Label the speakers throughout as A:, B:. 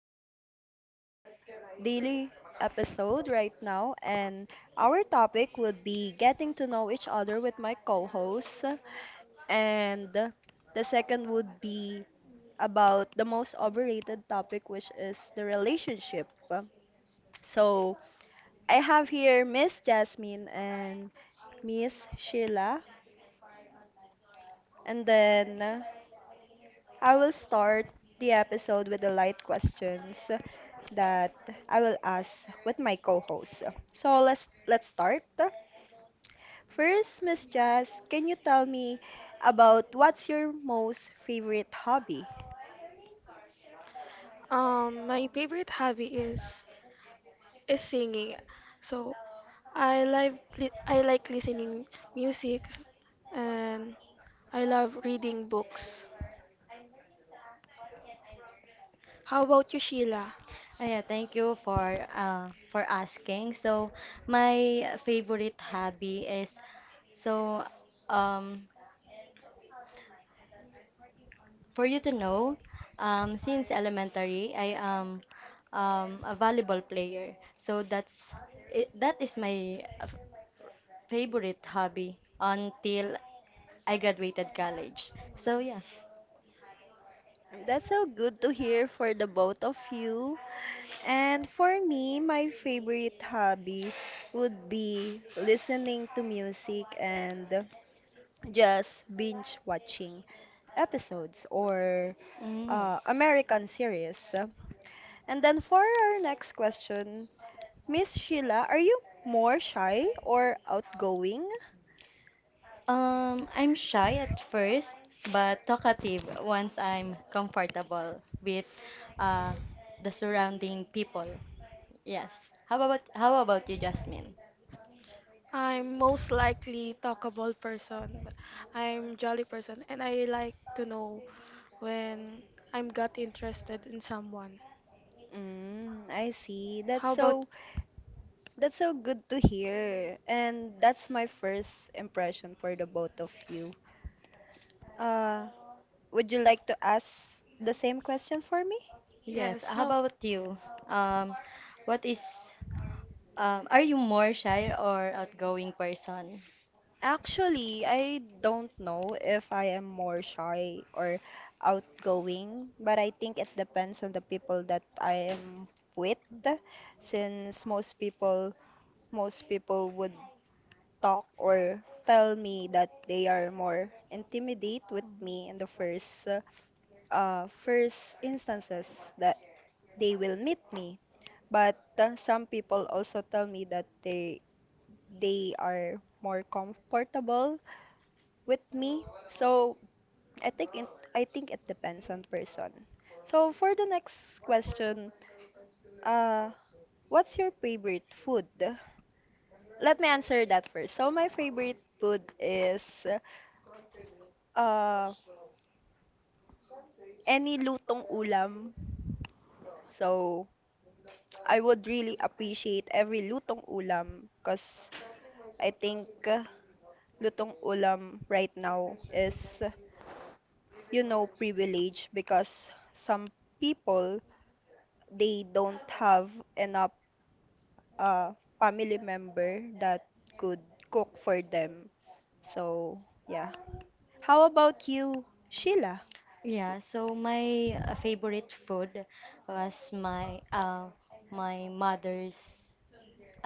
A: welcome to our daily episode right now, and our topic would be getting to know each other with my co hosts, and the second would be about the most overrated topic, which is the relationship. So, I have here Miss Jasmine and Miss Sheila, and then I will start the episode with the light questions that I will ask with my co-host. So let's start. First, Miss Jazz, can you tell me about what's your most favorite hobby?
B: My favorite hobby is singing. So I like I like listening music, and I love reading books. How about you, Sheila?
C: Yeah, thank you for asking. So my favorite hobby is so um for you to know, since elementary I am a volleyball player. So that is my favorite hobby until I graduated college. So yeah.
A: That's so good to hear for the both of you. And for me, my favorite hobby would be listening to music and just binge watching episodes or
C: Mm.
A: American series. And then for our next question, Miss Sheila, are you more shy or outgoing?
C: I'm shy at first, but talkative once I'm comfortable with uh, the surrounding people. Yes. How about you, Jasmine?
B: I'm most likely talkable person, but I'm jolly person and I like to know when I'm got interested in someone.
A: Mm, I see. That's
B: How about
A: so that's so good to hear. And that's my first impression for the both of you. Uh, would you like to ask the same question for me?
C: Yes.
B: yes,
C: How
B: how
C: about you? Um, what is, are you more shy or outgoing person?
A: Actually, I don't know if I am more shy or outgoing, but I think it depends on the people that I am with, since most people would talk or tell me that they are more intimidate with me in the
C: Mhm.
A: first instances that they will meet me. But some people also tell me that they are more comfortable with me, so I think it depends on person. So for the next question, uh, what's your favorite food? Let me answer that first. So my favorite food is uh any lutong ulam. So I would really appreciate every lutong ulam because I think lutong ulam right now is uh, privilege because some people they don't have enough uh, family member that could cook for them. So, yeah. How about you, Sheila?
C: Yeah, so my favorite food was my my mother's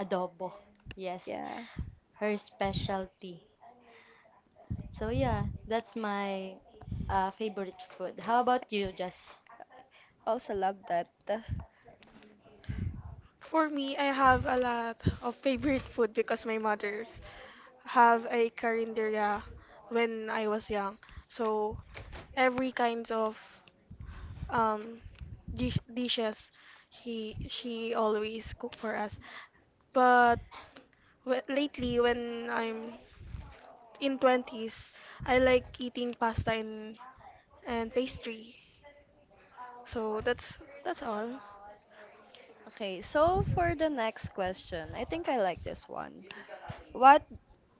C: adobo. Yes,
A: Yeah,
C: her specialty. So yeah, that's my favorite food. How about you, Jess?
A: also love that.
B: For me, I have a lot of favorite food because my mother's have a carinderia when I was young. So every kinds of um dishes he she always cook for us. But lately when I'm in 20s, I like eating pasta and pastry. So that's all.
A: Okay, so for the next question, I think I like this one. What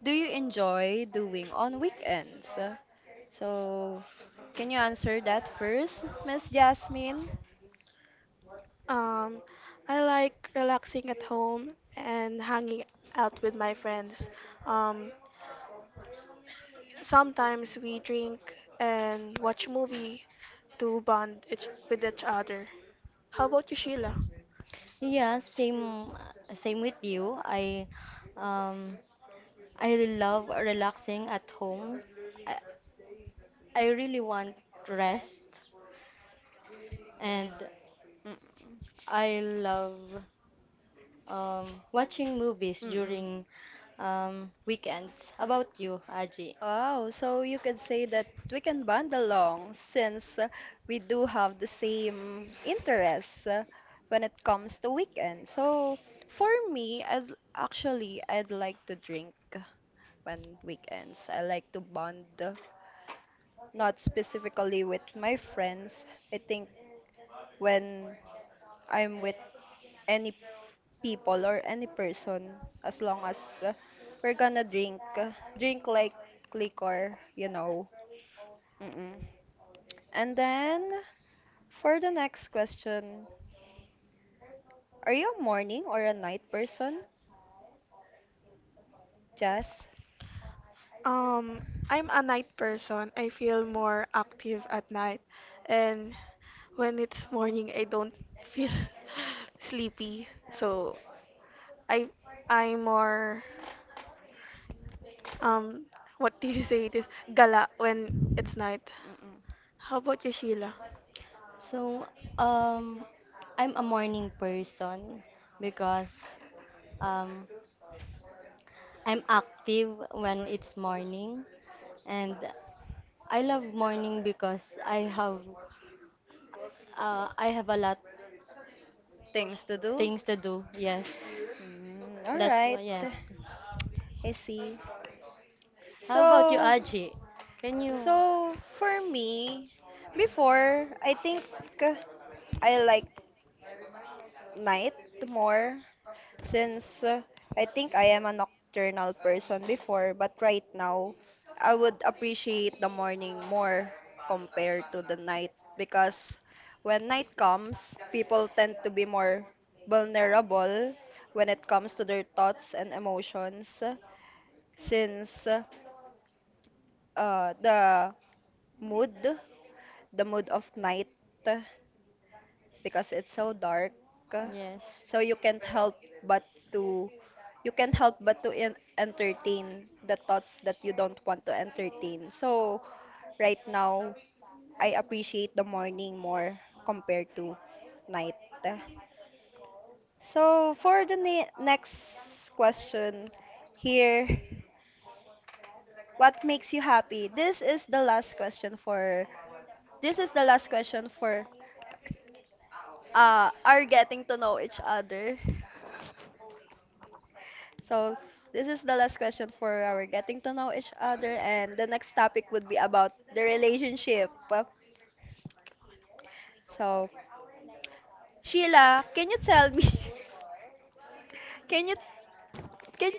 A: do you enjoy doing on weekends? So, can you answer that first, Miss Jasmine?
B: Um, I like relaxing at home and hanging out with my friends. Um, Sometimes we drink and watch movie to with each other. How about you, Sheila?
C: Yeah, same with you. I, um I love relaxing at home. I, I really want rest, and
A: Mm-mm.
C: I love watching movies
A: Mm-mm.
C: during weekends. How about you, Aji?
A: Oh, so you could say that we can bond along since we do have the same interests when it comes to weekend. So for me, actually, I'd like to drink on weekends. I like to bond, not specifically with my friends. I think when I'm with any people or any person, as long as uh, we're gonna drink, drink like liquor. Mm-mm. And then for the next question, are you a morning or a night person, Jess?
B: Um, I'm a night person. I feel more active at night, and when it's morning, I don't feel sleepy. So I I'm more um what do you say this, gala when it's night.
A: Mm-mm.
B: How about you, Sheila?
C: So, um, I'm a morning person because, um, I'm active when it's morning, and I love morning because I have a lot
A: Things to do?
C: things to do. Yes,
A: Mm, all
C: that's why.
A: right,
C: Yes.
A: I see.
C: How about you,
A: So,
C: Aji? Can you?
A: so, for me, before I think uh, I like night more since I think I am a nocturnal person before, but right now I would appreciate the morning more compared to the night because when night comes, people tend to be more vulnerable when it comes to their thoughts and emotions since uh, the mood, the mood of night uh, because it's so dark, uh,
C: Yes.
A: so but to you can't help but to entertain the thoughts that you don't want to entertain. So right now, I appreciate the morning more compared to night. So for the next question here, what makes you happy? This is the last question for this is the last question for are getting to know each other. So this is the last question for our getting to know each other, and the next topic would be about the relationship. So Sheila, can you tell me? Can you can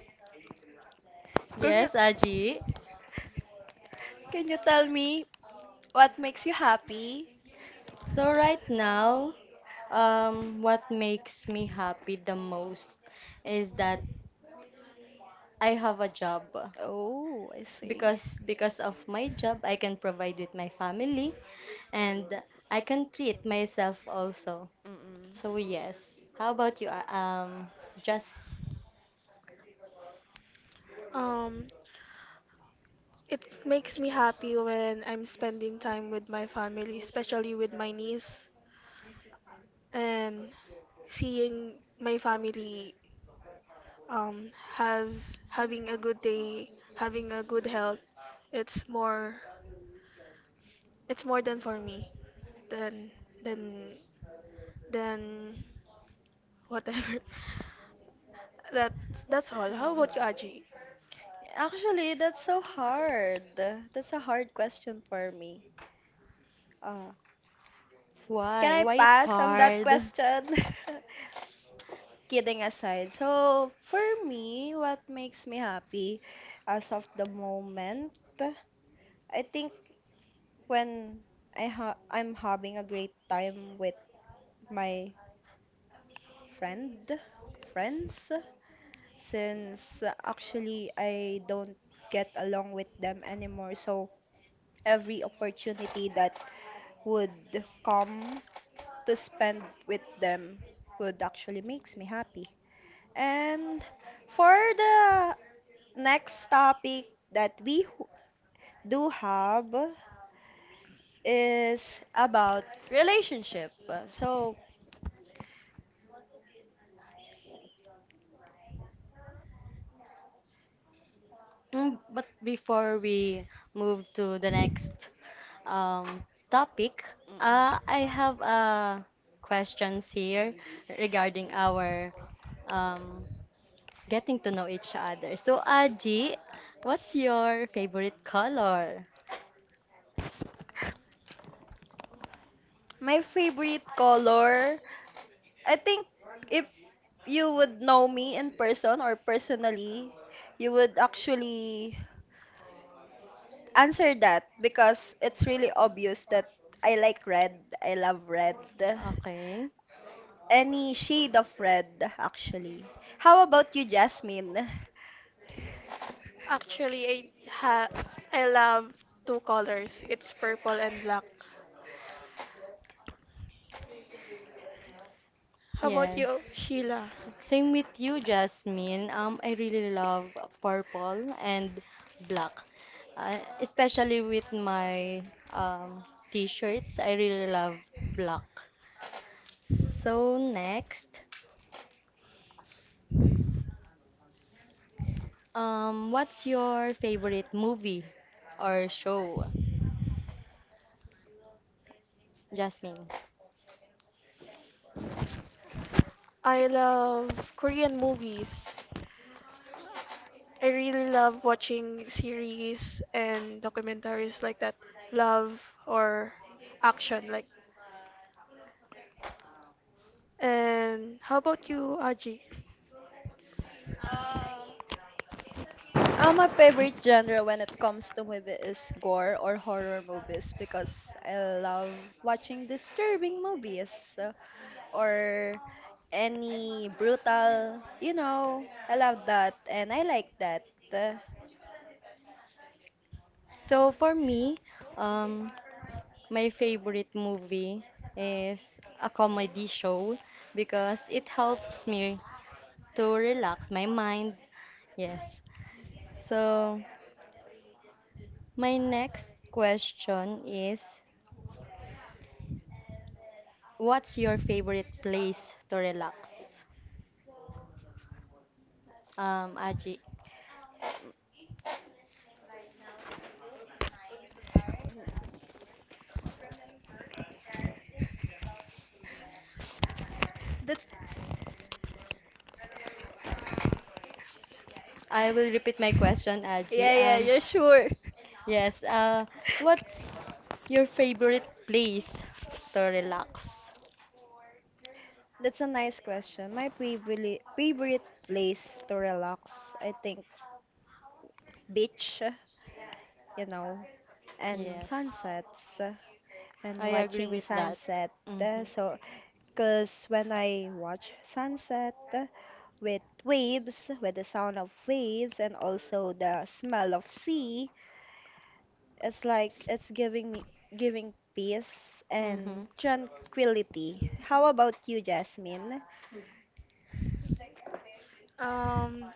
A: can you
C: Yes, Aji.
A: can you tell me what makes you happy?
C: So right now, what makes me happy the most is that I have a job,
A: Oh, I see.
C: because of my job I can provide with my family and I can treat myself also. So
A: Mm-mm.
C: yes. How about you? Just
B: Um, it makes me happy when I'm spending time with my family, especially with my niece, and seeing my family have having a good day, having a good health. It's more it's more than for me, than than than whatever. That's that's all. How
A: Mm.
B: about you, Aji?
A: Actually, that's so hard. That's a hard question for me. Uh, Can
C: why?
A: I
C: Why it's
A: pass on that
C: hard?
A: question? Kidding aside. So, for me, what makes me happy as of the moment, I think when I'm having a great time with my friend, friends, since actually I don't get along with them anymore. So, every opportunity that would come to spend with them would actually makes me happy. And for the next topic that we do have is about relationship. So,
C: Mm, but before we move to the next, um, topic, I
A: mm-mm.
C: have questions here regarding our, um, getting to know each other. So, Aji, what's your favorite color?
A: My favorite color, I think if you would know me in person or personally, you would actually answer that because it's really obvious that I like red. I love red.
C: Okay.
A: Any shade of red, actually. How about you, Jasmine?
B: Actually, ha I love two colors. It's purple and black. How about
C: Yes.
B: you, Sheila?
C: Same with you, Jasmine. I really love purple and black, especially with my, um, t-shirts. I really love black. So next, what's your favorite movie or show, Jasmine?
B: I love Korean movies. I really love watching series and documentaries like that, love or action like. And how about you, Aji?
A: Uh, my favorite genre when it comes to movie is gore or horror movies because I love watching disturbing movies uh, or any brutal. I love that and I like that. Uh,
C: So for me, um, my favorite movie is a comedy show because it helps me to relax my mind. Yes. So, my next question is what's your favorite place to relax? Aji.
A: that's
C: I will repeat my question, Aji.
A: Yeah, yeah, yeah, sure.
C: Yes. What's your favorite place to relax?
A: That's a nice question. My favorite place to relax, I think beach, you know, and
C: Yes.
A: sunsets
C: I
A: and
C: agree
A: watching
C: with that.
A: sunset.
C: Mm-hmm.
A: Uh, so Because when I watch sunset with waves, with the sound of waves and also the smell of sea, it's like it's giving peace and
C: Mm-hmm.
A: tranquility. How about you, Jasmine?
B: Um,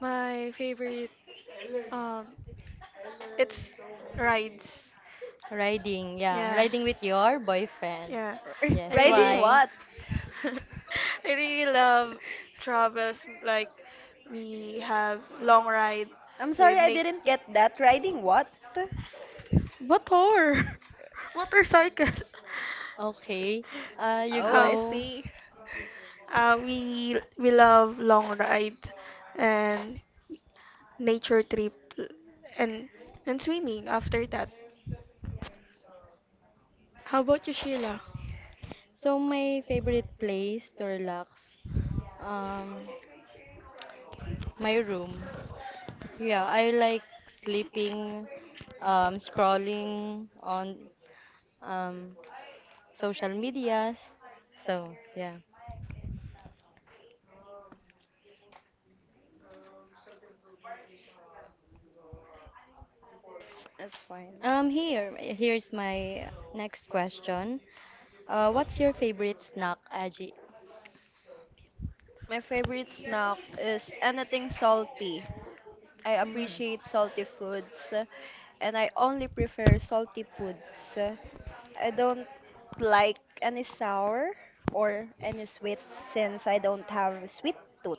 B: my favorite Um, it's rides.
C: Riding, yeah.
B: Yeah,
C: Riding with your boyfriend.
B: yeah.
C: Yes,
B: I
A: Riding
B: really,
C: why?
A: what?
B: I really love travels, like we have long ride
A: I'm sorry
B: with
A: I
B: Nate
A: didn't get that. Riding what?
B: motor motorcycle.
C: Okay, you
A: Oh,
B: Uh,
A: I
C: go.
A: see.
B: we love long ride and nature trip and and swimming after that. How about you, Sheila?
C: So my favorite place to relax, um, my room. Yeah, I like sleeping, scrolling on, um, social medias. So yeah.
A: It's fine.
C: Here's my next question. What's your favorite snack, Aji?
A: My favorite snack is anything salty. I
C: Mm.
A: appreciate salty foods and I only prefer salty foods. I don't like any sour or any sweet since I don't have a sweet tooth.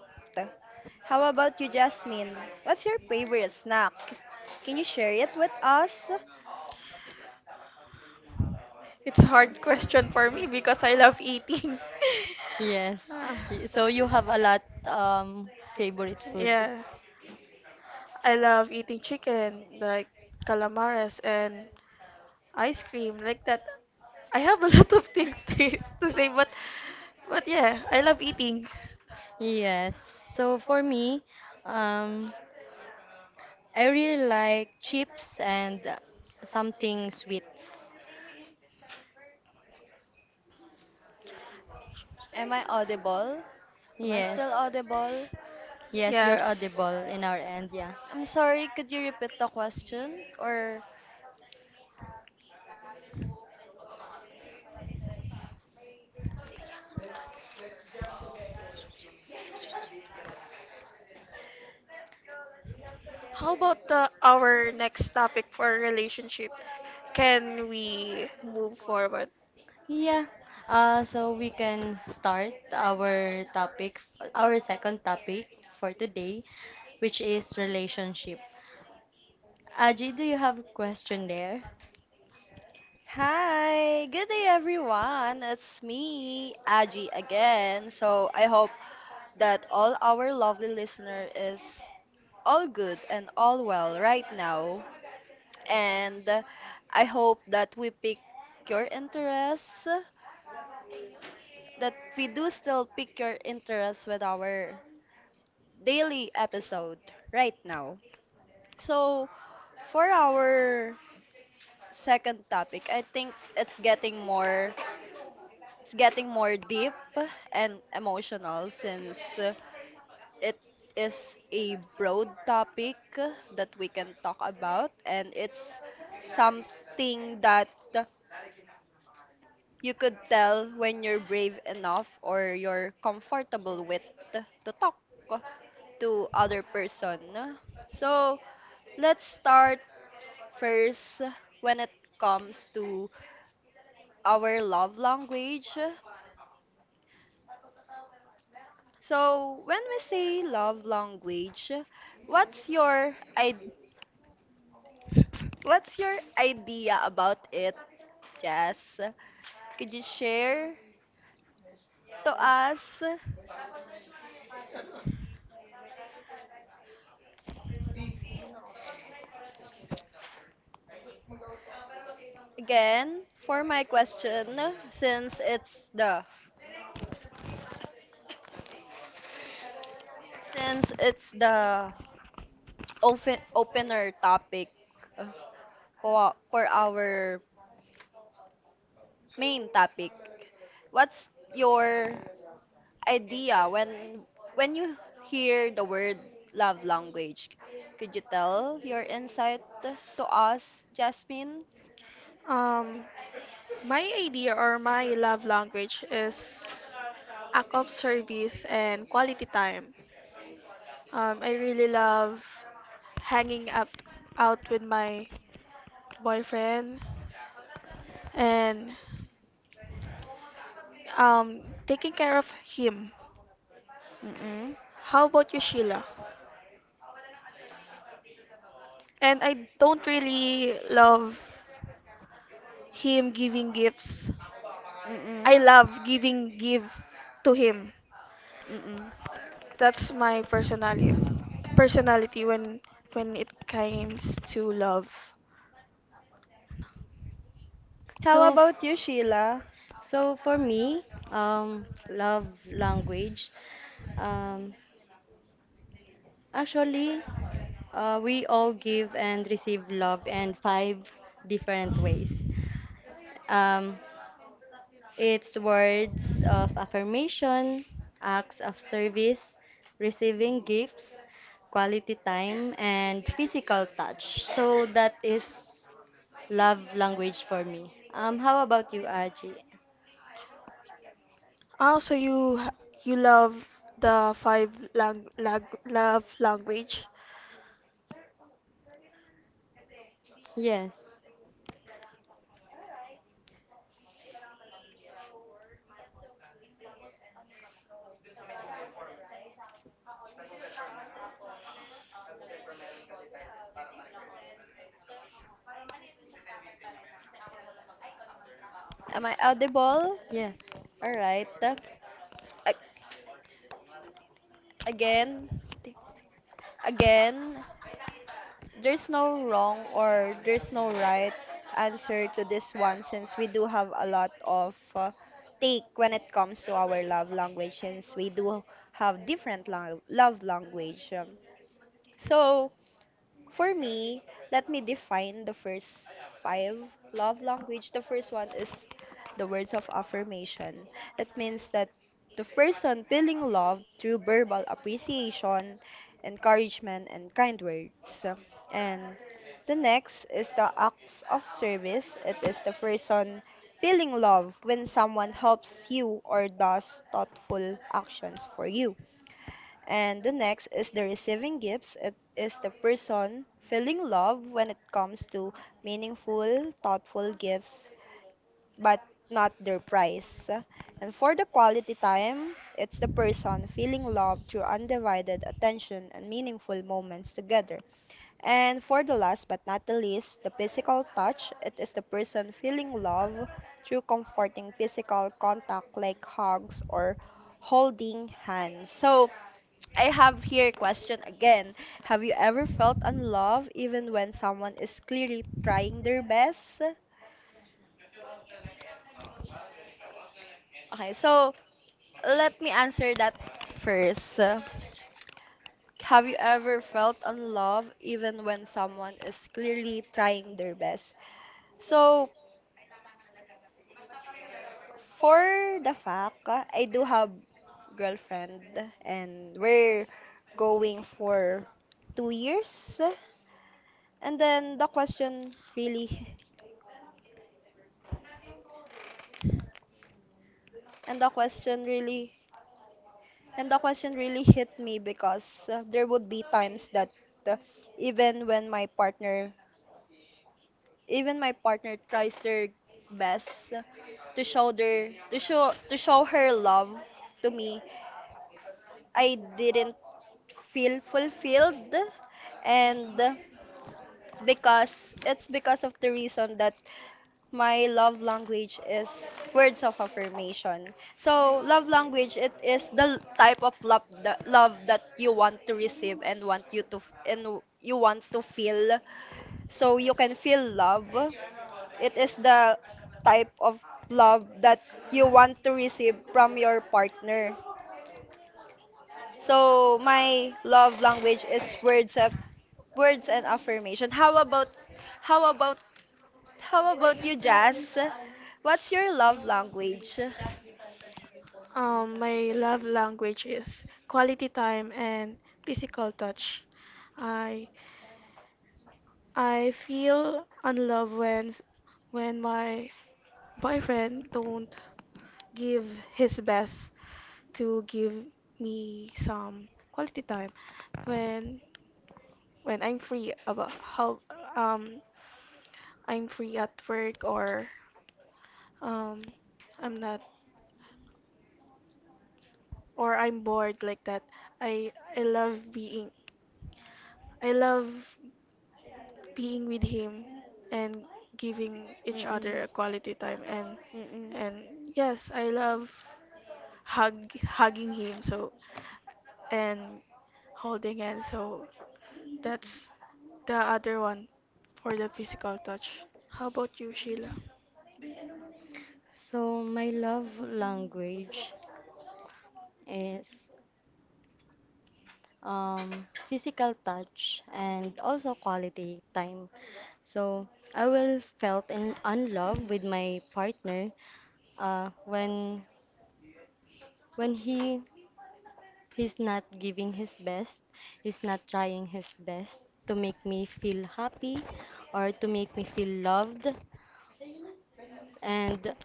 A: How about you, Jasmine? What's your favorite snack? Can you share it with us?
B: It's a hard question for me because I love eating.
C: Yes.
B: Ah,
C: Y- So you have a lot, um favorite food.
B: yeah. I love eating chicken, like calamares and ice cream, like that. I have a lot of things to say, but yeah, I love eating.
C: Yes. So for me, um I really like chips and something sweets.
A: Am I audible? Am I
C: Yes.
A: still audible?
C: Yes, you're
B: Yes.
C: audible in our end, yeah.
A: I'm sorry, could you repeat the question? Or
B: How about the, our next topic for relationship? Can we move forward?
C: Yeah. So we can start our topic, our second topic for today, which is relationship. Aji, do you have a question there?
A: Hi, good day everyone. It's me, Aji again. So I hope that all our lovely listener is all good and all well right now. And I hope that we pick your interests, that we do still pick your interests with our daily episode right now. So for our second topic, I think it's getting more deep and emotional since it is a broad topic that we can talk about, and it's something that you could tell when you're brave enough or you're comfortable with to talk to other person. So let's start first when it comes to our love language. So when we say love language, what's your I what's your idea about it, Jess? Could you share to us again for my question since it's the opener topic uh, for our main topic. What's your idea when you hear the word love language? Could you tell your insight to us, Jasmine?
B: Um, my idea or my love language is act of service and quality time. I really love hanging out with my boyfriend and um taking care of him.
A: Mm-mm.
B: How about you, Sheila? And I don't really love him giving gifts. I
A: Mm-mm.
B: love giving give to him.
A: Mm-mm.
B: That's my personality when it comes to love.
A: How
C: So, f-
A: about you, Sheila?
C: So for me, love language. Um, actually, we all give and receive love in five different ways. Um, it's words of affirmation, acts of service, receiving gifts, quality time, and physical touch. So that is love language for me. How about you, Aji?
B: Also, you love the love language.
C: Yes.
A: Am I audible?
C: Yes.
A: All right. A- Again, t- again. There's no wrong or there's no right answer to this one since we do have a lot of take when it comes to our love language since we do have different love language. So for me, let me define the first five love language. The first one is the words of affirmation. It means that the person feeling love through verbal appreciation, encouragement, and kind words. And the next is the acts of service. It is the person feeling love when someone helps you or does thoughtful actions for you. And the next is the receiving gifts. It is the person feeling love when it comes to meaningful, thoughtful gifts, but not their price. And for the quality time, it's the person feeling love through undivided attention and meaningful moments together. And for the last but not the least, the physical touch. It is the person feeling love through comforting physical contact like hugs or holding hands. So, I have here a question again. Have you ever felt unloved even when someone is clearly trying their best? Okay, so let me answer that first. Have you ever felt unloved even when someone is clearly trying their best? So, for the fact, I do have girlfriend and we're going for 2 years. And then the question really, and the question really And the question really hit me because there would be times that uh, even when my partner, even my partner tries their best to show her love to me, I didn't feel fulfilled, and because it's because of the reason that my love language is words of affirmation. So, love language it is the type of love that you want to receive and want you to f- and w- you want to feel. So, you can feel love. It is the type of love that you want to receive from your partner. So, my love language is words of words and affirmation. How about how about you, Jazz? What's your love language?
B: My love language is quality time and physical touch. I I feel unloved when when my boyfriend don't give his best to give me some quality time when when I'm free about how um I'm free at work, or um I'm not, or I'm bored like that. I I love being I love being with him and giving each
A: Mm-mm.
B: other a quality time,
A: Mm-mm.
B: and yes, I love hugging him, so and holding hands. So that's the other one for the physical touch. How about you, Sheila?
C: So my love language is, physical touch and also quality time. So I will felt in unlove with my partner when when he he's not giving his best, he's not trying his best to make me feel happy or to make me feel loved, and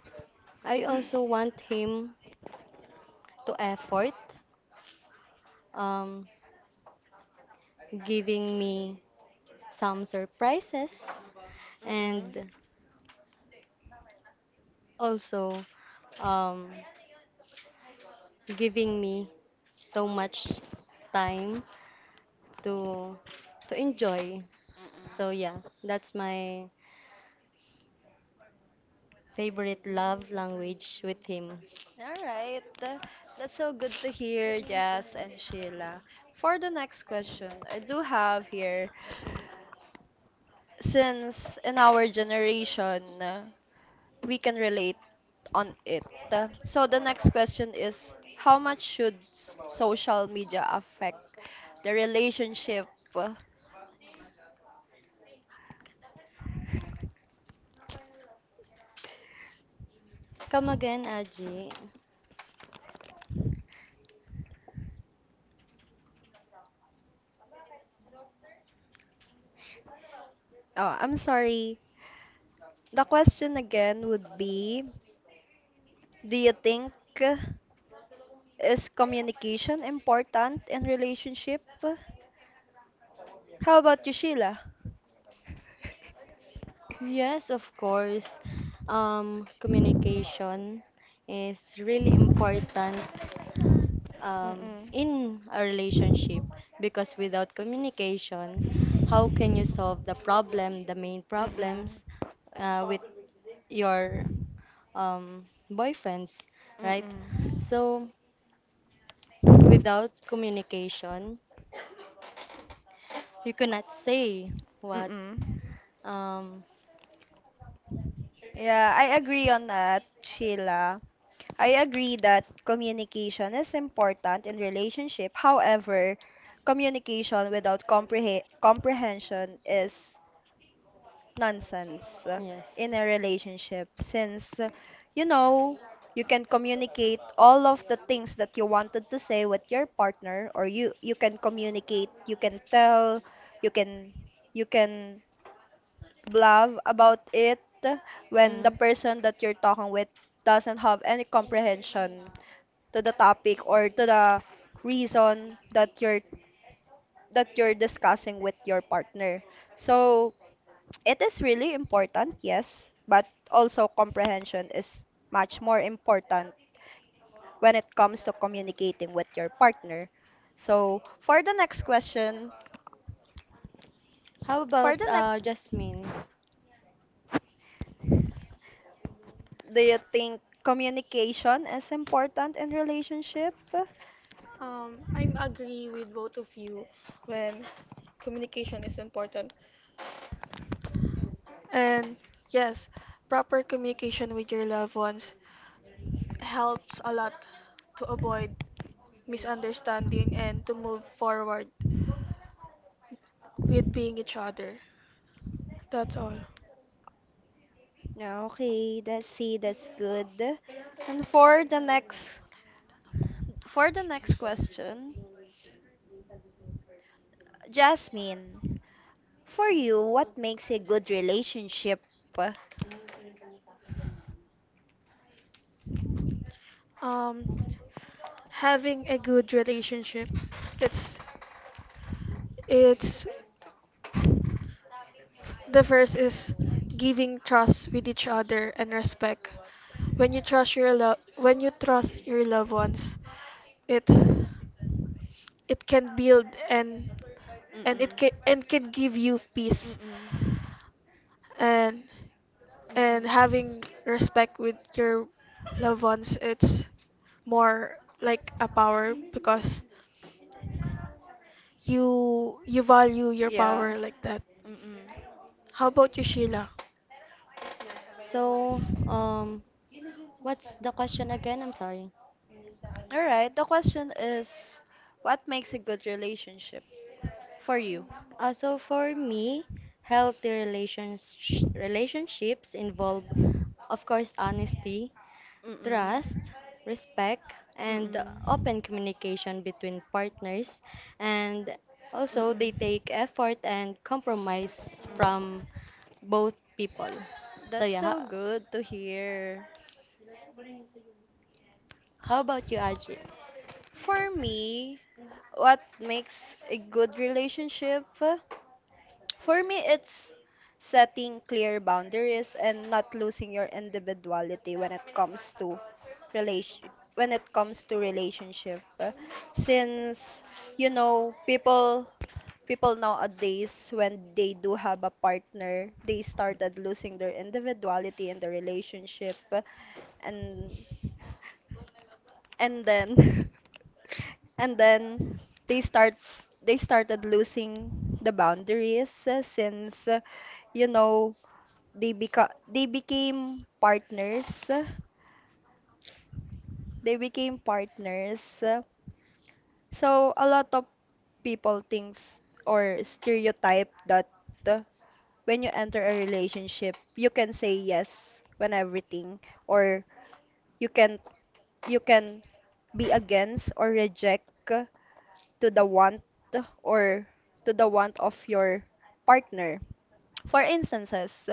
C: I also want him to effort, um, giving me some surprises,
A: Mm-mm.
C: and also, um, giving me so much time to to enjoy. So
A: Mm-mm.
C: yeah, that's my favorite love language with him.
A: All right. That's so good to hear, Jazz and Sheila. For the next question, I do have here, since in our generation, we can relate on it. So the next question is, how much should social media affect the relationship? uh,
C: Come again, Aji.
A: Oh, I'm sorry. The question again would be, do you think uh, is communication important in relationship? How about you, Sheila?
C: Yes, of course. Communication is really important,
A: Mm-mm.
C: in a relationship because without communication, how can you solve the problem, the main
A: Mm-mm.
C: problems, with your, um, boyfriends, right?
A: Mm-mm.
C: So without communication, you cannot say what.
A: Mm-mm.
C: Um,
A: Yeah, I agree on that, Sheila. I agree that communication is important in relationship. However, communication without comprehension is nonsense in
C: yes.
A: a relationship since you know you can communicate all of the things that you wanted to say with your partner, or you can communicate, you can tell, you can you can blab about it when the
C: Mm.
A: person that you're talking with doesn't have any comprehension to the topic or to the reason that you're discussing with your partner. So it is really important, yes, but also comprehension is much more important when it comes to communicating with your partner. So, for the next question,
C: How
A: for
C: about
A: the next,
C: Jasmine?
A: do you think communication is important in relationship?
B: I'm agree with both of you when communication is important. And yes, proper communication with your loved ones helps a lot to avoid misunderstanding and to move forward with being each other. That's all.
A: Okay, that's good. And for the next question, Jasmine, for you, what makes a good relationship?
B: Um, having a good relationship. It's it's the first is giving trust with each other and respect. When you trust your when you trust your loved ones, it it
A: Mm-mm.
B: can build, and it can and can give you peace,
A: Mm-mm.
B: and and
A: Mm-mm.
B: having respect with your loved ones, it's more like a power because you value your
A: Yeah.
B: power like that.
A: Mm-mm.
B: How about you, Sheila?
C: So, what's the question again? I'm sorry.
A: All right. The question is, what makes a good relationship for you?
C: So for me, healthy relationships involve, of course, honesty, trust,
A: Mm-mm.
C: respect, and
A: Mm-mm.
C: open communication between partners. And also, they
A: Mm-mm.
C: take effort and compromise from
A: Mm-mm.
C: both people. So
A: That's
C: yeah,
A: so good to hear.
C: how about you, Aji?
A: For me, what makes a good relationship? For me, it's setting clear boundaries and not losing your individuality when it comes to relation when it comes to relationship. Since you know people people nowadays, when they do have a partner, they started losing their individuality in the relationship, and and then and then they start they started losing the boundaries, since you know they beca they became partners. They became partners. So a lot of people thinks or stereotype that uh, when you enter a relationship, you can say yes when everything, or you can you can be against or reject to the want, or to the want of your partner. For instances,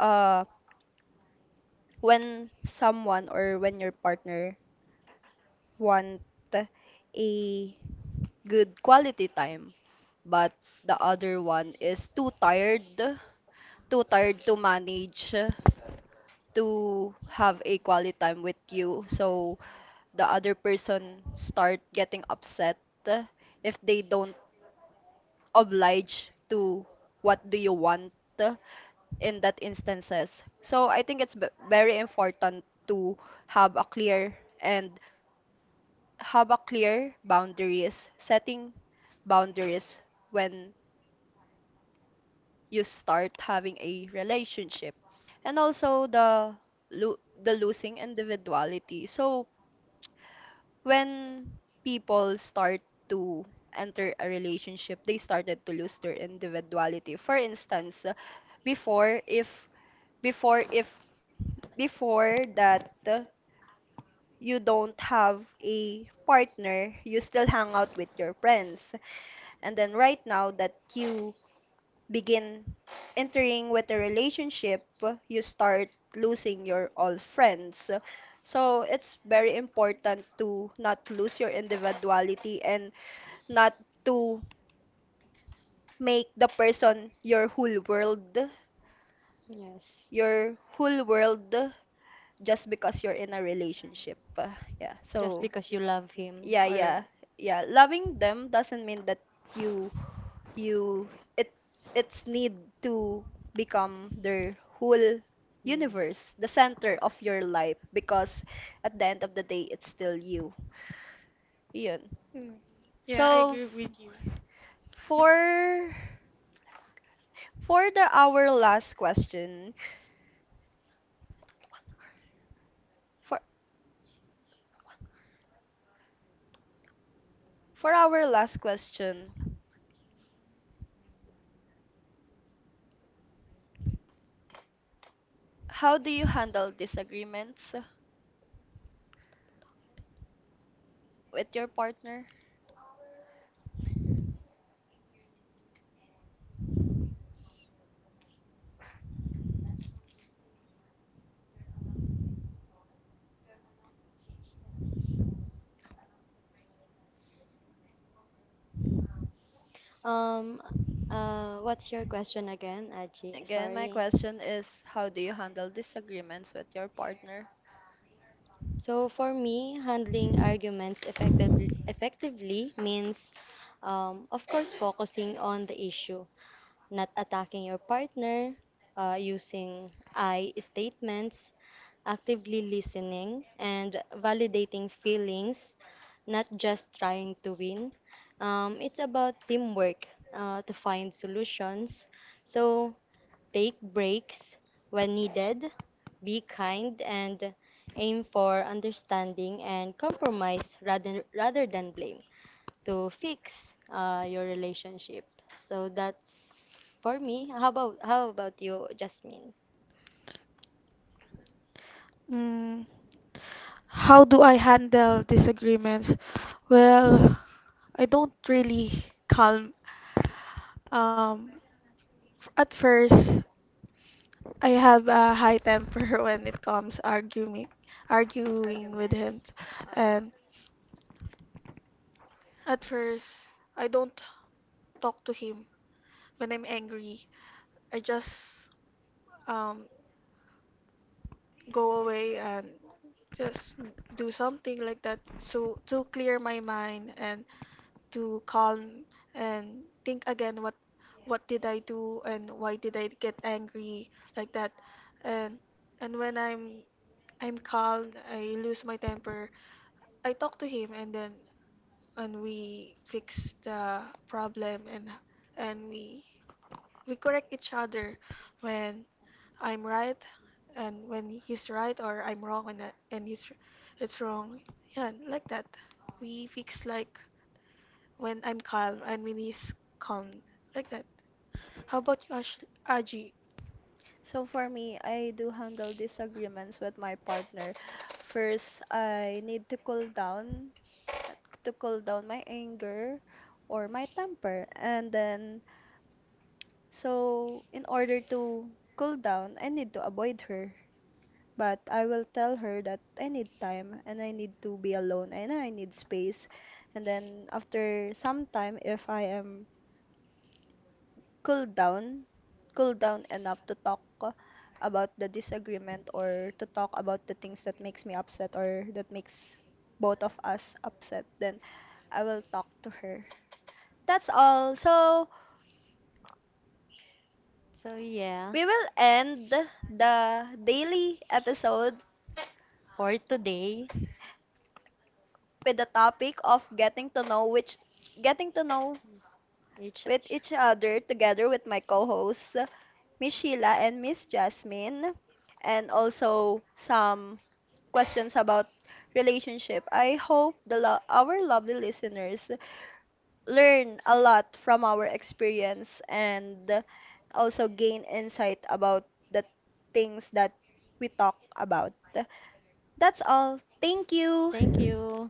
A: uh, when someone, or when your partner want a good quality time, but the other one is too tired to manage to have a quality time with you. So the other person start getting upset if they don't oblige to what do you want in that instances. So I think it's very important to have a clear and have a clear boundaries, setting boundaries when you start having a relationship, and also the the losing individuality. So when people start to enter a relationship, they started to lose their individuality. For instance, before if before if before that, you don't have a partner, you still hang out with your friends, and then right now that you begin entering with a relationship, you start losing your old friends. So it's very important to not lose your individuality and not to make the person
C: Yes,
A: your whole world just because you're in a relationship. Yeah.
C: just
A: So,
C: because you love him,
A: yeah,
C: or
A: yeah. Yeah, loving them doesn't mean that you you it it's need to become their whole
C: yes.
A: universe, the center of your life, because at the end of the day it's still you. Yun.
B: Mm. Yeah, I
A: So
B: agree
A: f-
B: with you.
A: for for the our last question, for for our last question, how do you handle disagreements with your partner?
C: Um, what's your question again, Aji?
A: Again, my
C: Sorry.
A: question is, how do you handle disagreements with your partner?
C: So for me, handling arguments effectively, means, of course, focusing on the issue, not attacking your partner, using I statements, actively listening, and validating feelings, not just trying to win. It's about teamwork to find solutions. So take breaks when needed, be kind, and aim for understanding and compromise rather than blame to fix your relationship. So that's for me. How about you, Jasmine?
B: Mm, how do I handle disagreements? Well, I don't really calm. um at first, I have a high temper when it comes arguing, arguing with
C: Argument.
B: him.
C: Oo.
B: And at first, I don't talk to him when I'm angry. I just um, go away and just do something like that so to clear my mind and to calm and think again what did I do and why did I get angry like that. and and when I'm calm, I lose my temper. I talk to him, and then and we fix the problem, and we correct each other when I'm right and when he's right, or I'm wrong and and he's it's wrong. Yeah, like that. We fix like when I'm calm and when he's calm. Like that. How about you, Ash Aji?
A: So for me, I do handle disagreements with my partner. First, I need to cool down my anger or my temper. And then, so in order to cool down, I need to avoid her. But I will tell her that I need time and I need to be alone and I need space. And then after some time, if I am cool down, cool down enough to talk about the disagreement, or to talk about the things that makes me upset or that makes both of us upset, then I will talk to her. That's all. So
C: So yeah,
A: we will end the daily episode
C: for today,
A: with the topic of getting to know
C: each
A: with each other, together with my co-hosts, Miss Sheila and Miss Jasmine, and also some questions about relationship. I hope our lovely listeners learn a lot from our experience and also gain insight about the things that we talk about. That's all. Thank
C: thank
A: you.
C: you.